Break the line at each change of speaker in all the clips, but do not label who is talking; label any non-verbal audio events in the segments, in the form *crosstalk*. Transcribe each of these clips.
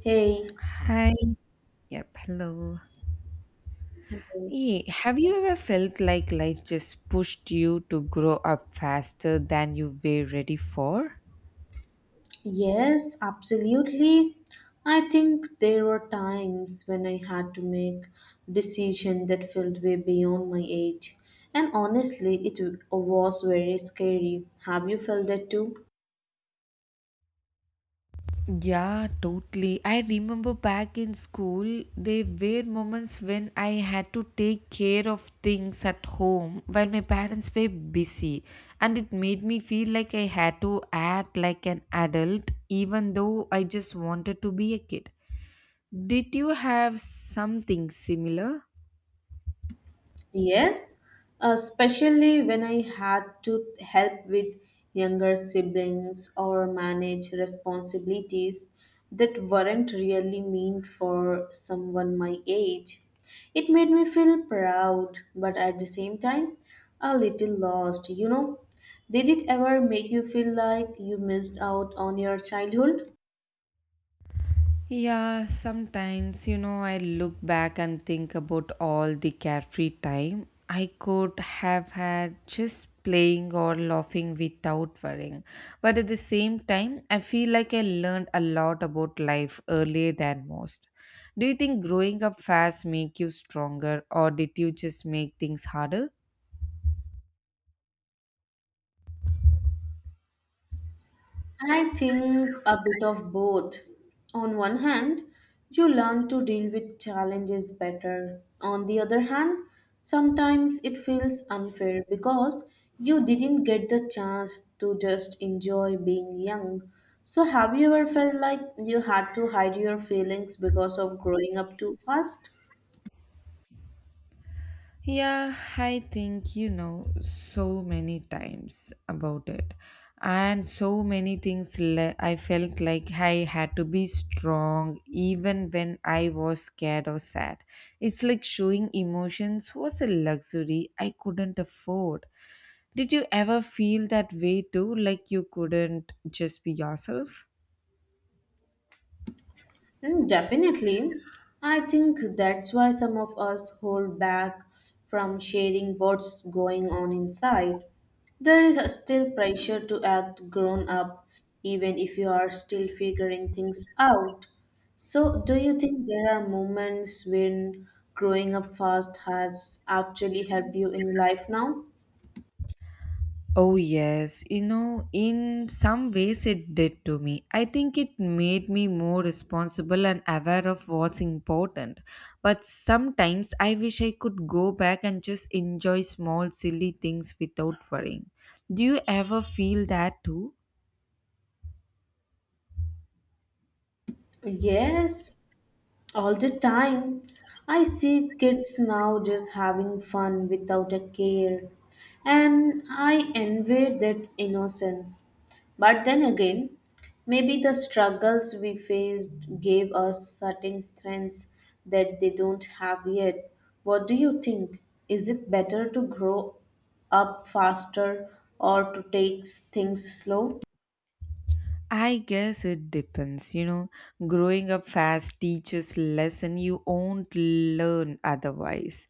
Hey,
Hi. Yep. Hello.
hello.
Hey, have you ever felt like life just pushed you to grow up faster than you were ready for?
Yes, absolutely. I think there were times when I had to make decisions that felt way beyond my age. And honestly, it was very scary. Have you felt that too?
Yeah, totally. I remember back in school, there were moments when I had to take care of things at home while my parents were busy, and it made me feel like I had to act like an adult even though I just wanted to be a kid. Did you have something similar?
Yes, especially when I had to help with younger siblings or manage responsibilities that weren't really meant for someone my age. It made me feel proud, but at the same time, a little lost. Did it ever make you feel like you missed out on your childhood?
Yeah, sometimes, you know, I look back and think about all the carefree time I could have had just playing or laughing without worrying. But at the same time, I feel like I learned a lot about life earlier than most. Do you think growing up fast make you stronger or did you just make things harder?
I think a bit of both. On one hand, you learn to deal with challenges better. On the other hand, sometimes it feels unfair because you didn't get the chance to just enjoy being young. So, have you ever felt like you had to hide your feelings because of growing up too fast?
Yeah, I think you know so many times about it, and so many things. I felt like I had to be strong even when I was scared or sad. It's like showing emotions was a luxury I couldn't afford. Did you ever feel that way too? Like you couldn't just be yourself?
Mm, definitely. I think that's why some of us hold back from sharing what's going on inside. There is a still pressure to act grown up, even if you are still figuring things out. So, do you think there are moments when growing up fast has actually helped you in life now?
Oh, yes. You know, in some ways it did to me. I think it made me more responsible and aware of what's important. But sometimes I wish I could go back and just enjoy small, silly things without worrying. Do you ever feel that too?
Yes, all the time. I see kids now just having fun without a care, and I envy that innocence. But then again, maybe the struggles we faced gave us certain strengths that they don't have yet. What do you think? Is it better to grow up faster or to take things slow?
I guess it depends. You know, growing up fast teaches lesson you won't learn otherwise.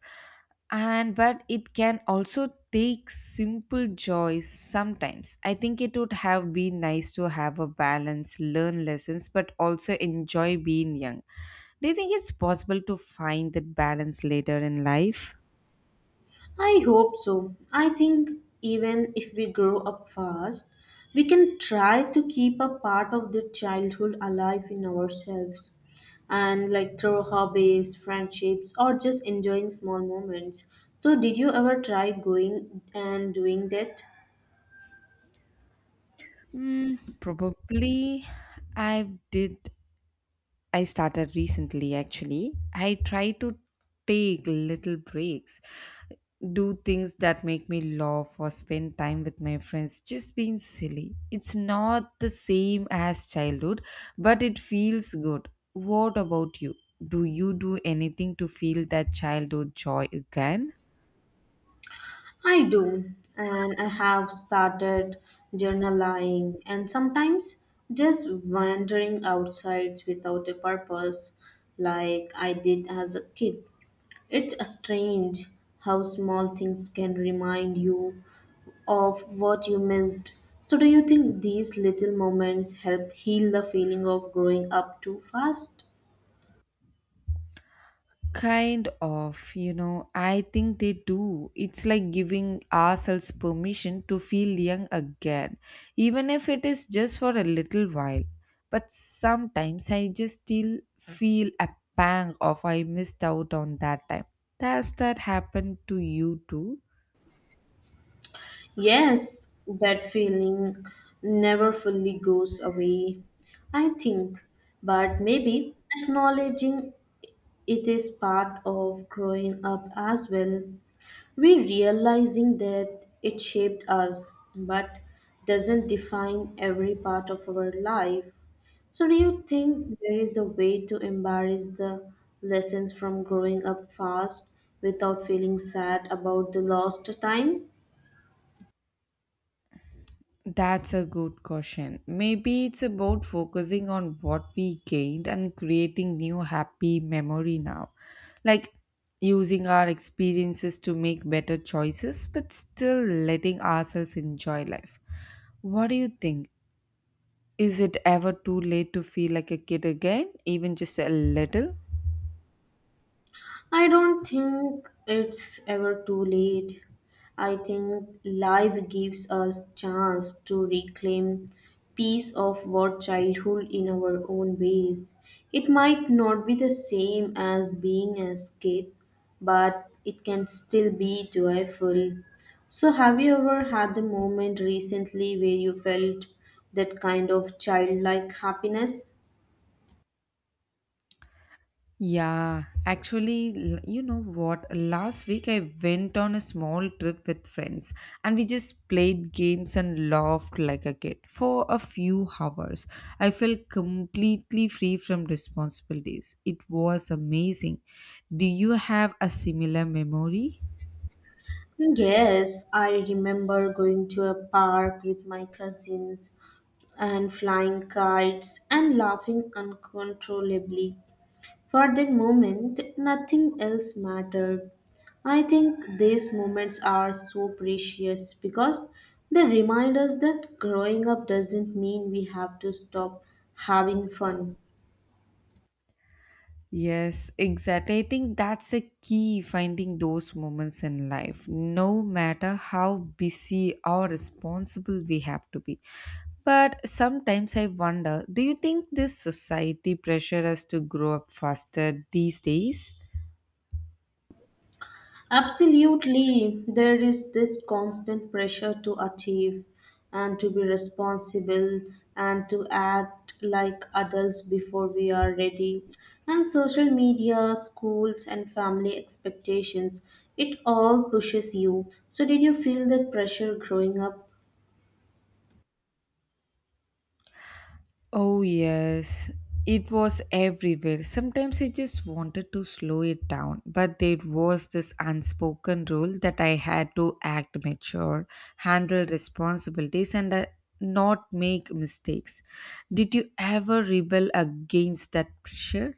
And but it can also take simple joys sometimes. I think it would have been nice to have a balance, learn lessons, but also enjoy being young. Do you think it's possible to find that balance later in life?
I hope so. I think even if we grow up fast, we can try to keep a part of the childhood alive in ourselves. And like through hobbies, friendships, or just enjoying small moments. So, did you ever try going and doing that?
Probably. I've did I started recently actually. I try to take little breaks, do things that make me laugh or spend time with my friends, just being silly. It's not the same as childhood, but it feels good. What about you? Do you do anything to feel that childhood joy again?
I do, and I have started journaling and sometimes just wandering outside without a purpose, like I did as a kid. It's strange how small things can remind you of what you missed. So, do you think these little moments help heal the feeling of growing up too fast?
Kind of, you know, I think they do. It's like giving ourselves permission to feel young again, even if it is just for a little while. But sometimes I just still feel a pang of I missed out on that time. Does that happen to you too?
Yes, that feeling never fully goes away, I think. But maybe acknowledging it is part of growing up as well. We realizing that it shaped us but doesn't define every part of our life. So, do you think there is a way to embrace the lessons from growing up fast without feeling sad about the lost time?
That's a good question. Maybe it's about focusing on what we gained and creating new happy memory now. Like using our experiences to make better choices but still letting ourselves enjoy life. What do you think? Is it ever too late to feel like a kid again, even just a little?
I don't think it's ever too late. I think life gives us chance to reclaim piece of what childhood in our own ways. It might not be the same as being a kid, but it can still be joyful. So have you ever had the moment recently where you felt that kind of childlike happiness?
Yeah, actually, you know what? Last week I went on a small trip with friends and we just played games and laughed like a kid for a few hours. I felt completely free from responsibilities. It was amazing. Do you have a similar memory?
Yes, I remember going to a park with my cousins and flying kites and laughing uncontrollably. For that moment, nothing else mattered. I think these moments are so precious because they remind us that growing up doesn't mean we have to stop having fun.
Yes, exactly. I think that's a key finding those moments in life, no matter how busy or responsible we have to be. But sometimes I wonder do you think this society pressure us to grow up faster these days?
Absolutely, there is this constant pressure to achieve and to be responsible and to act like adults before we are ready. And social media, schools, and family expectations, it all pushes you. So, did you feel that pressure growing up?
Oh, yes. It was everywhere. Sometimes I just wanted to slow it down, but there was this unspoken rule that I had to act mature, handle responsibilities, and not make mistakes. Did you ever rebel against that pressure?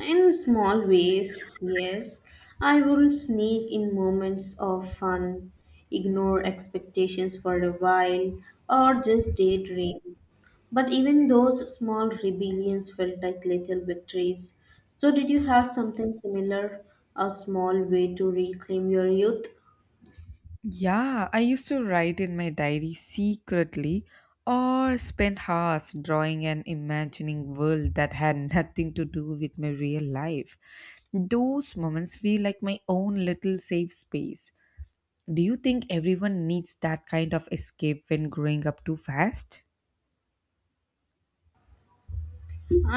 In small ways, yes, I will sneak in moments of fun, ignore expectations for a while, or just daydream. But even those small rebellions felt like little victories. So, did you have something similar? A small way to reclaim your youth?
Yeah, I used to write in my diary secretly or spend hours drawing and imagining world that had *laughs* nothing to do with my real life. Those moments feel like my own little safe space. Do you think everyone needs that kind of escape when growing up too fast?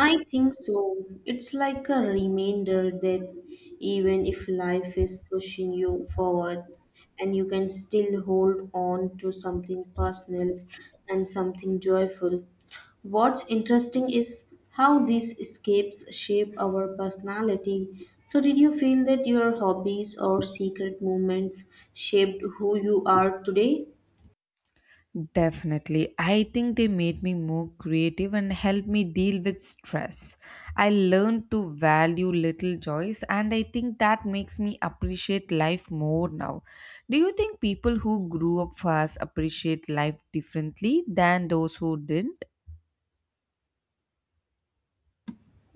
I think so. It's like a reminder that even if life is pushing you forward, and you can still hold on to something personal and something joyful. What's interesting is how these escapes shape our personality. So, did you feel that your hobbies or secret moments shaped who you are today?
Definitely. I think they made me more creative and helped me deal with stress. I learned to value little joys, and I think that makes me appreciate life more now. Do you think people who grew up fast appreciate life differently than those who didn't?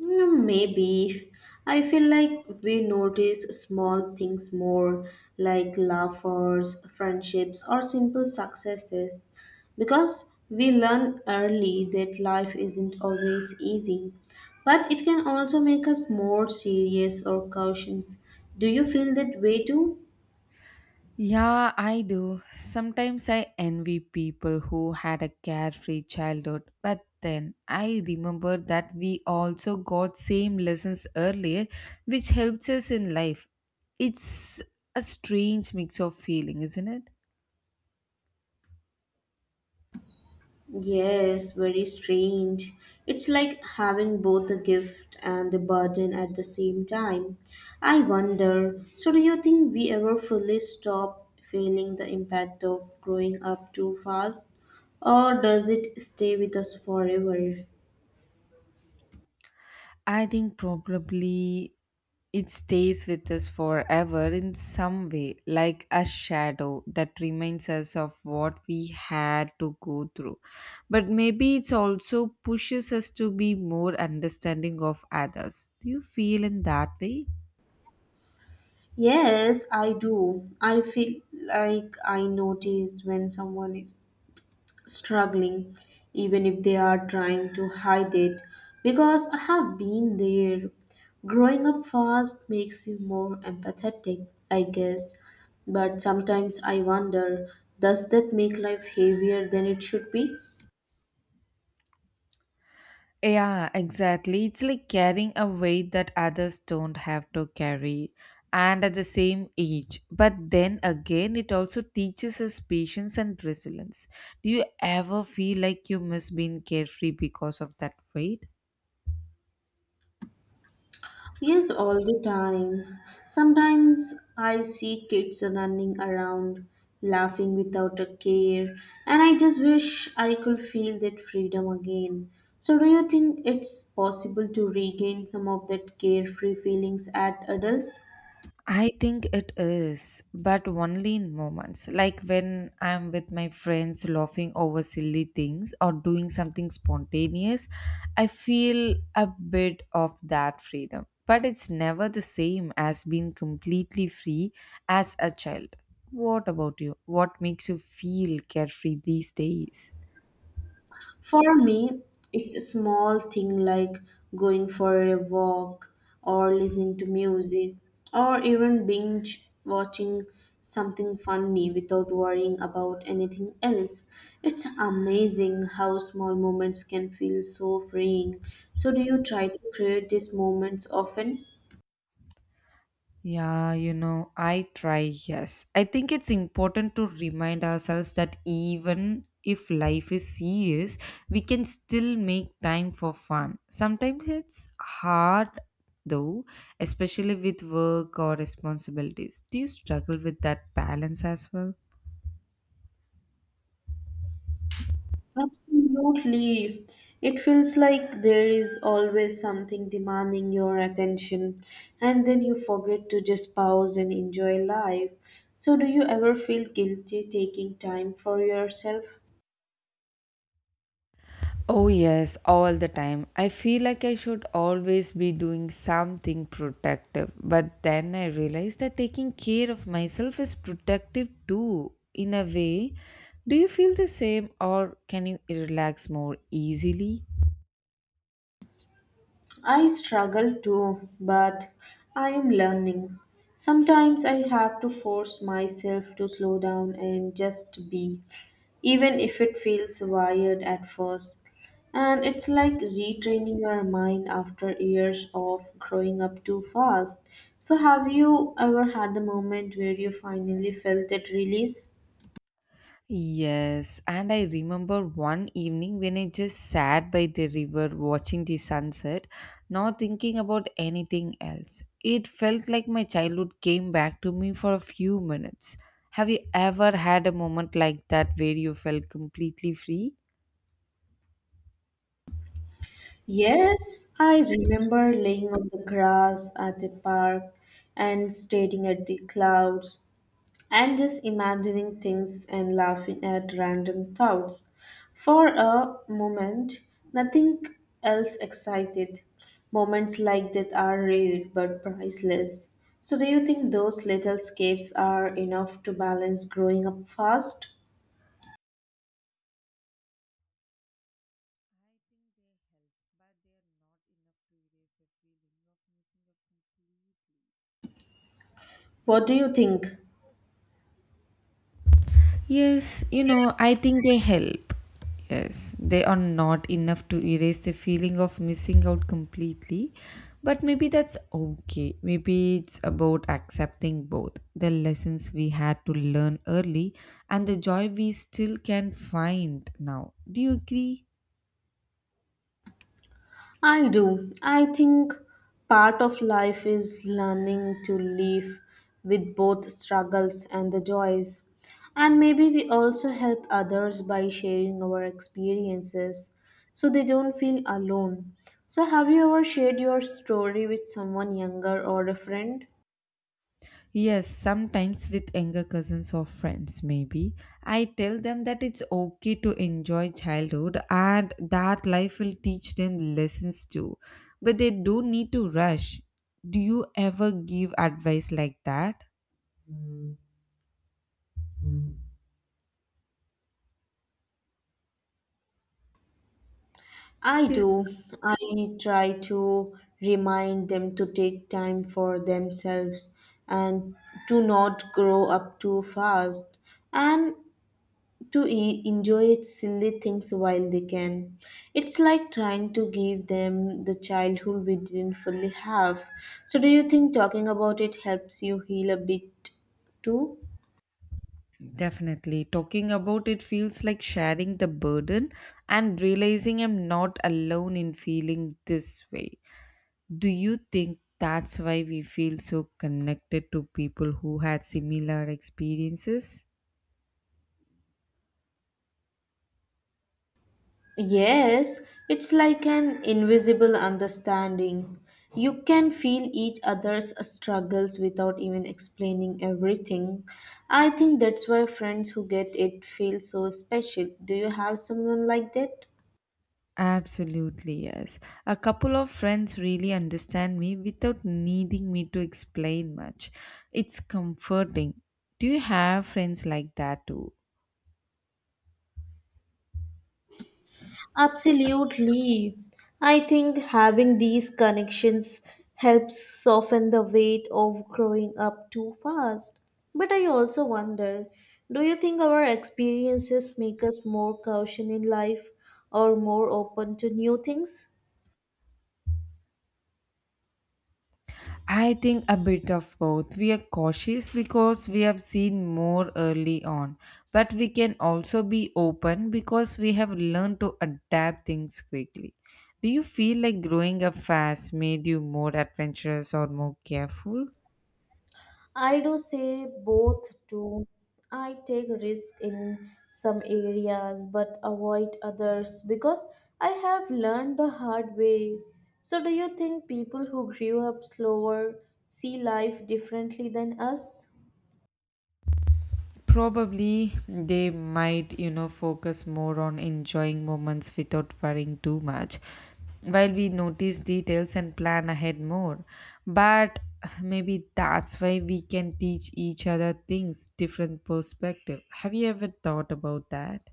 Mm, maybe. I feel like we notice small things more, like laughers, friendships, or simple successes, because we learn early that life isn't always easy. But it can also make us more serious or cautious. Do you feel that way too?
Yeah, I do. Sometimes I envy people who had a carefree childhood, but then I remember that we also got same lessons earlier, which helps us in life. It's a strange mix of feeling, isn't it?
Yes, very strange. It's like having both the gift and the burden at the same time. I wonder, so do you think we ever fully stop feeling the impact of growing up too fast? Or does it stay with us forever?
I think probably it stays with us forever in some way, like a shadow that reminds us of what we had to go through. But maybe it also pushes us to be more understanding of others. Do you feel in that way?
Yes, I do. I feel like I notice when someone is struggling even if they are trying to hide it because I have been there. Growing up fast makes you more empathetic, I guess, but sometimes I wonder, does that make life heavier than it should be?
Yeah, exactly. It's like carrying a weight that others don't have to carry and at the same age. But then again, it also teaches us patience and resilience. Do you ever feel like you miss being carefree because of that weight?
Yes, all the time. Sometimes I see kids running around, laughing without a care, and I just wish I could feel that freedom again. So, do you think it's possible to regain some of that carefree feelings at adults?
I think it is, but only in moments, like when I'm with my friends laughing over silly things or doing something spontaneous. I feel a bit of that freedom, but it's never the same as being completely free as a child. What about you? What makes you feel carefree these days?
For me, it's a small thing like going for a walk or listening to music or even binge watching something funny without worrying about anything else. It's amazing how small moments can feel so freeing. So, do you try to create these moments often?
Yeah, you know, I try, yes. I think it's important to remind ourselves that even if life is serious, we can still make time for fun. Sometimes it's hard though, especially with work or responsibilities. Do you struggle with that balance as well?
Absolutely. It feels like there is always something demanding your attention, and then you forget to just pause and enjoy life. So, do you ever feel guilty taking time for yourself?
Oh, yes, all the time. I feel like I should always be doing something protective. But then I realize that taking care of myself is protective too, in a way. Do you feel the same, or can you relax more easily?
I struggle too, but I am learning. Sometimes I have to force myself to slow down and just be, even if it feels wired at first. And it's like retraining your mind after years of growing up too fast. So, have you ever had a moment where you finally felt that release?
Yes, and I remember one evening when I just sat by the river watching the sunset, not thinking about anything else. It felt like my childhood came back to me for a few minutes. Have you ever had a moment like that where you felt completely free?
Yes, I remember laying on the grass at the park and staring at the clouds, and just imagining things and laughing at random thoughts. For a moment, nothing else excited. Moments like that are rare but priceless. So, do you think those little escapes are enough to balance growing up fast? What do you think?
Yes, you know, I think they help. Yes, they are not enough to erase the feeling of missing out completely. But maybe that's okay. Maybe it's about accepting both the lessons we had to learn early and the joy we still can find now. Do you agree?
I do. I think part of life is learning to live with both struggles and the joys. And maybe we also help others by sharing our experiences so they don't feel alone. So, have you ever shared your story with someone younger or a friend?
Yes, sometimes with younger cousins or friends, maybe. I tell them that it's okay to enjoy childhood and that life will teach them lessons too. But they don't need to rush. Do you ever give advice like that?
I
They-
do. I try to remind them to take time for themselves and to not grow up too fast. And to enjoy silly things while they can. It's like trying to give them the childhood we didn't fully have. So, do you think talking about it helps you heal a bit too?
Definitely. Talking about it feels like sharing the burden and realizing I'm not alone in feeling this way. Do you think that's why we feel so connected to people who had similar experiences?
Yes, it's like an invisible understanding. You can feel each other's struggles without even explaining everything. I think that's why friends who get it feel so special. Do you have someone like that?
Absolutely, yes. A couple of friends really understand me without needing me to explain much. It's comforting. Do you have friends like that too?
Absolutely. I think having these connections helps soften the weight of growing up too fast. But I also wonder, do you think our experiences make us more cautious in life or more open to new things?
I think a bit of both. We are cautious because we have seen more early on, but we can also be open because we have learned to adapt things quickly. Do you feel like growing up fast made you more adventurous or more careful?
I do say both too. I take risk in some areas but avoid others because I have learned the hard way. So do you think people who grew up slower see life differently than us?
Probably they might, you know, focus more on enjoying moments without worrying too much, while we notice details and plan ahead more. But maybe that's why we can teach each other things, different perspective. Have you ever thought about that?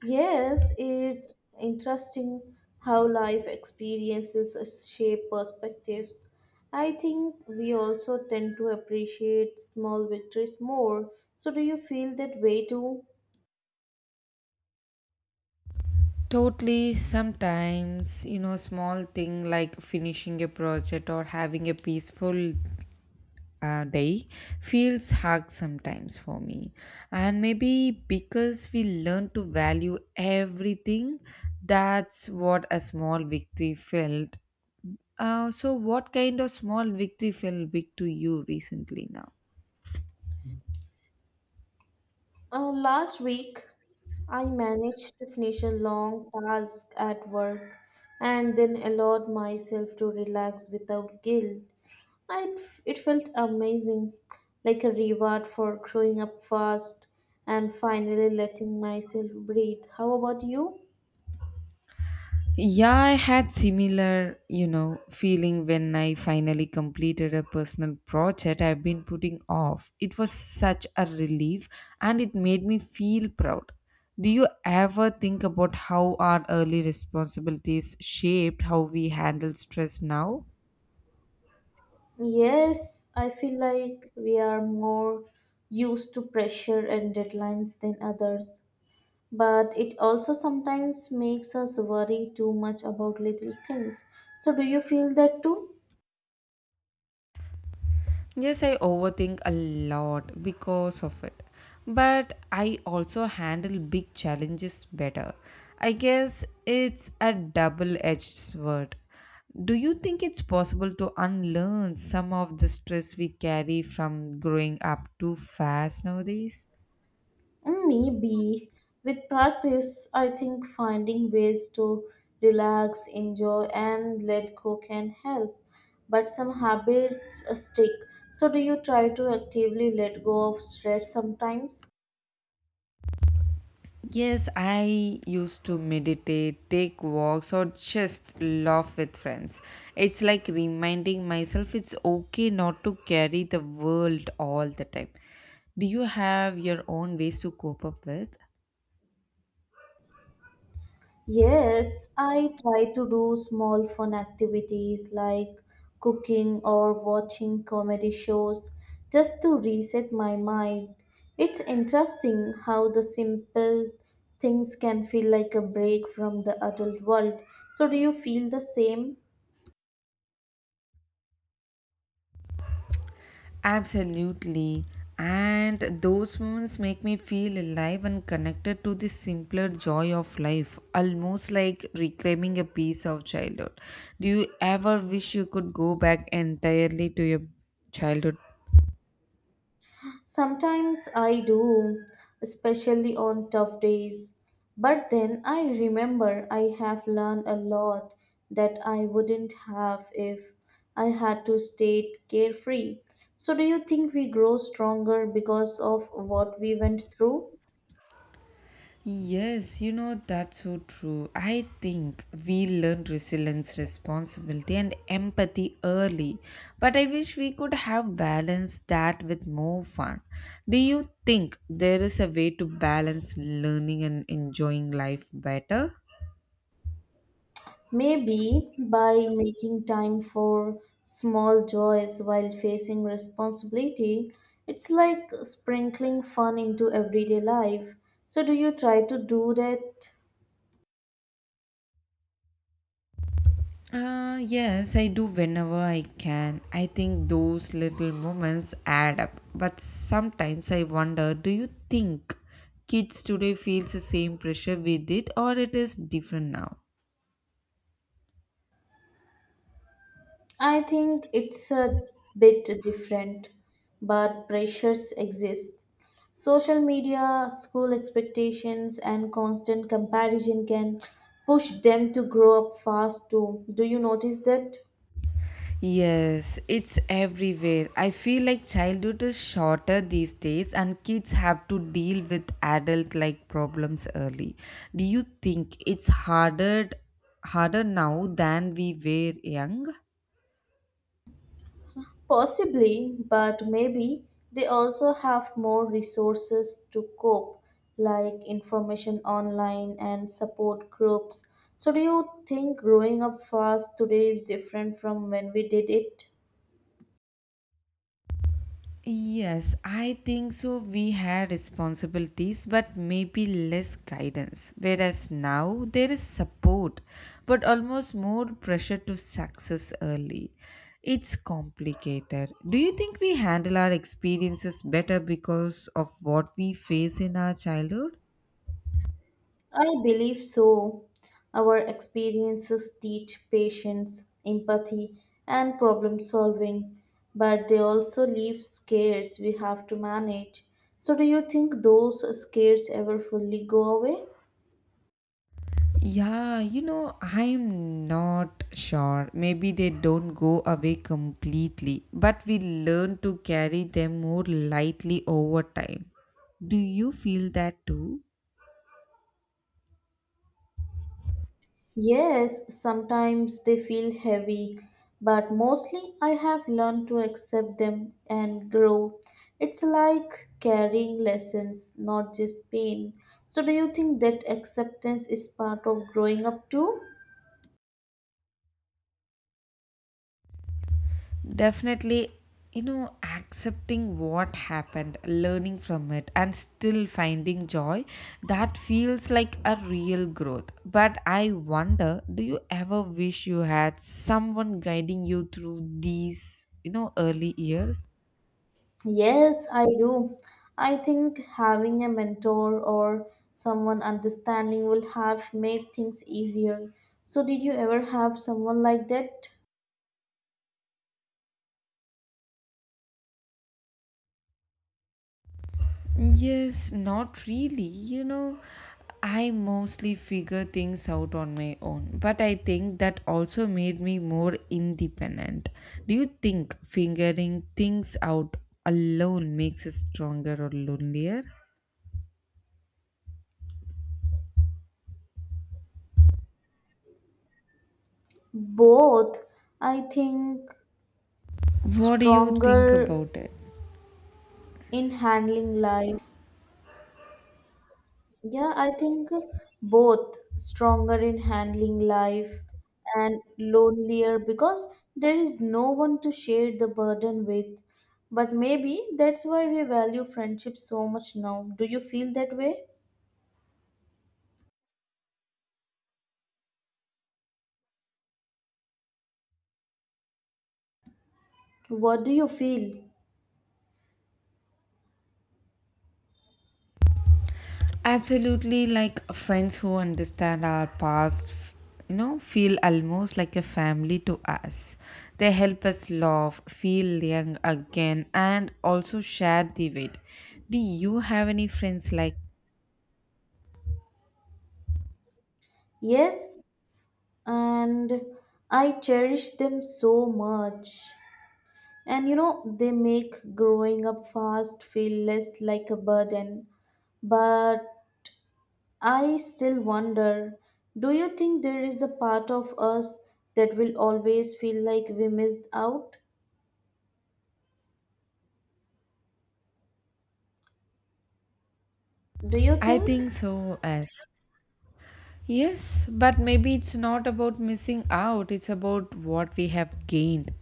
Yes, it's interesting how life experiences shape perspectives. I think we also tend to appreciate small victories more. So do you feel that way too?
Totally, sometimes, you know, small thing like finishing a project or having a peaceful day feels hard sometimes for me. And maybe because we learn to value everything, that's what a small victory felt. So, what kind of small victory felt big to you recently now?
Last week, I managed to finish a long task at work and then allowed myself to relax without guilt. I, it felt amazing, like a reward for growing up fast and finally letting myself breathe. How about you?
Yeah, I had similar, you know, feeling when I finally completed a personal project I've been putting off. It was such a relief and it made me feel proud. Do you ever think about how our early responsibilities shaped how we handle stress now?
Yes, I feel like we are more used to pressure and deadlines than others, but it also sometimes makes us worry too much about little things. So, do you feel that too?
Yes, I overthink a lot because of it. But I also handle big challenges better. I guess it's a double edged sword. Do you think it's possible to unlearn some of the stress we carry from growing up too fast nowadays?
Mm, maybe. With practice, I think finding ways to relax, enjoy, and let go can help. But some habits stick. So, do you try to actively let go of stress sometimes?
Yes, I used to meditate, take walks, or just laugh with friends. It's like reminding myself it's okay not to carry the world all the time. Do you have your own ways to cope up with?
Yes, I try to do small fun activities like cooking or watching comedy shows just to reset my mind. It's interesting how the simple things can feel like a break from the adult world. So, do you feel the same?
Absolutely. And those moments make me feel alive and connected to the simpler joy of life, almost like reclaiming a piece of childhood. Do you ever wish you could go back entirely to your childhood?
Sometimes I do, especially on tough days. But then I remember I have learned a lot that I wouldn't have if I had to stay carefree. So, do you think we grow stronger because of what we went through?
Yes, you know, that's so true. I think we learn resilience, responsibility, and empathy early. But I wish we could have balanced that with more fun. Do you think there is a way to balance learning and enjoying life better?
Maybe by making time for small joys while facing responsibility, it's like sprinkling fun into everyday life. So, do you try to do that?
Yes, I do whenever I can. I think those little moments add up. But sometimes I wonder do you think kids today feels the same pressure we did or it is different now?
I think it's a bit different, but pressures exist. Social media, school expectations, and constant comparison can push them to grow up fast too. Do you notice that?
Yes, it's everywhere. I feel like childhood is shorter these days and kids have to deal with adult like problems early. Do you think it's harder now than we were young?
Possibly, but maybe they also have more resources to cope, like information online and support groups. So, do you think growing up fast today is different from when we did it?
Yes, I think so. We had responsibilities, but maybe less guidance. Whereas now there is support, but almost more pressure to success early. It's complicated. Do you think we handle our experiences better because of what we face in our childhood?
I believe so. Our experiences teach patience, empathy, and problem solving, but they also leave scares we have to manage. So, do you think those scares ever fully go away?
Yeah, you know, I'm not sure. Maybe they don't go away completely, but we learn to carry them more lightly over time. Do you feel that too?
Yes, sometimes they feel heavy, but mostly I have learned to accept them and grow. It's like carrying lessons, not just pain. So, do you think that acceptance is part of growing up too?
Definitely, you know, accepting what happened, learning from it, and still finding joy, that feels like a real growth. But I wonder, do you ever wish you had someone guiding you through these, you know, early years?
Yes, I do. I think having a mentor or someone understanding will have made things easier. So, did you ever have someone like that?
Yes, not really. You know, I mostly figure things out on my own, but I think that also made me more independent. Do you think figuring things out alone makes us stronger or lonelier?
Both. I think
What do you think
stronger
about it?
in handling life. Yeah, I think both stronger in handling life and lonelier because there is no one to share the burden with. But maybe that's why we value friendship so much now. Do you feel that way? What do you feel?
Absolutely, like friends who understand our past, you know, feel almost like a family to us. They help us laugh, feel young again, and also share the weight. Do you have any friends like?
Yes, and I cherish them so much. And you know, they make growing up fast feel less like a burden. But I still wonder, do you think there is a part of us that will always feel like we missed out? Do you
I
think?
think so, as yes, but maybe it's not about missing out, it's about what we have gained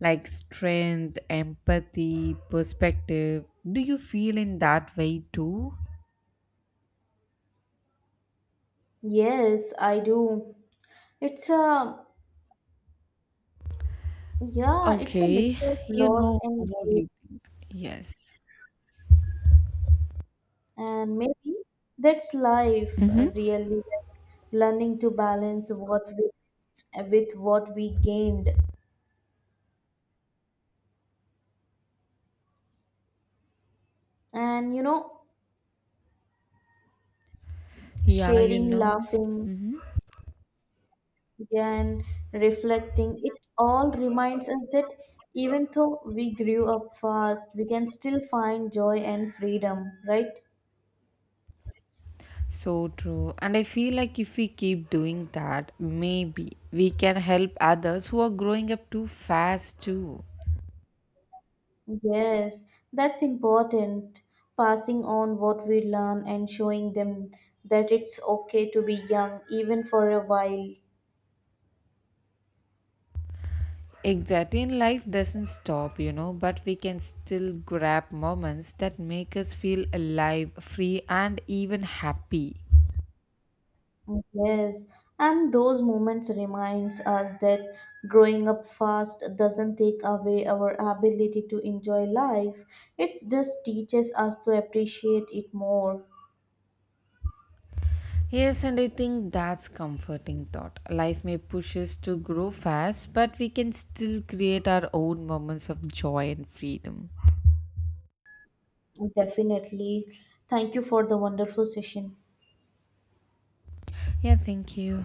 like strength, empathy, perspective. Do you feel in that way too?
Yes, I do. It's a, yeah, it's a
Okay,
mix of
you
loss
know,
and
what do
gain.
you think? Yes.
And maybe that's life,
Mm-hmm.
really, like learning to balance what we missed with what we gained. And you know,
Yeah, you
sharing,
know.
laughing,
Hmm.
and reflecting, it all reminds us that even though we grew up fast, we can still find joy and freedom, right?
So true. And I feel like if we keep doing that, maybe we can help others who are growing up too fast too.
Yes, that's important. Passing on what we learn and showing them that it's okay to be young, even for a while.
Exactly. And life doesn't stop, you know, but we can still grab moments that make us feel alive, free, and even happy.
Yes, and those moments reminds us that growing up fast doesn't take away our ability to enjoy life. It just teaches us to appreciate it more.
Yes, and I think that's comforting thought. Life may push us to grow fast, but we can still create our own moments of joy and freedom.
Definitely. Thank you for the wonderful session.
Yeah, thank you.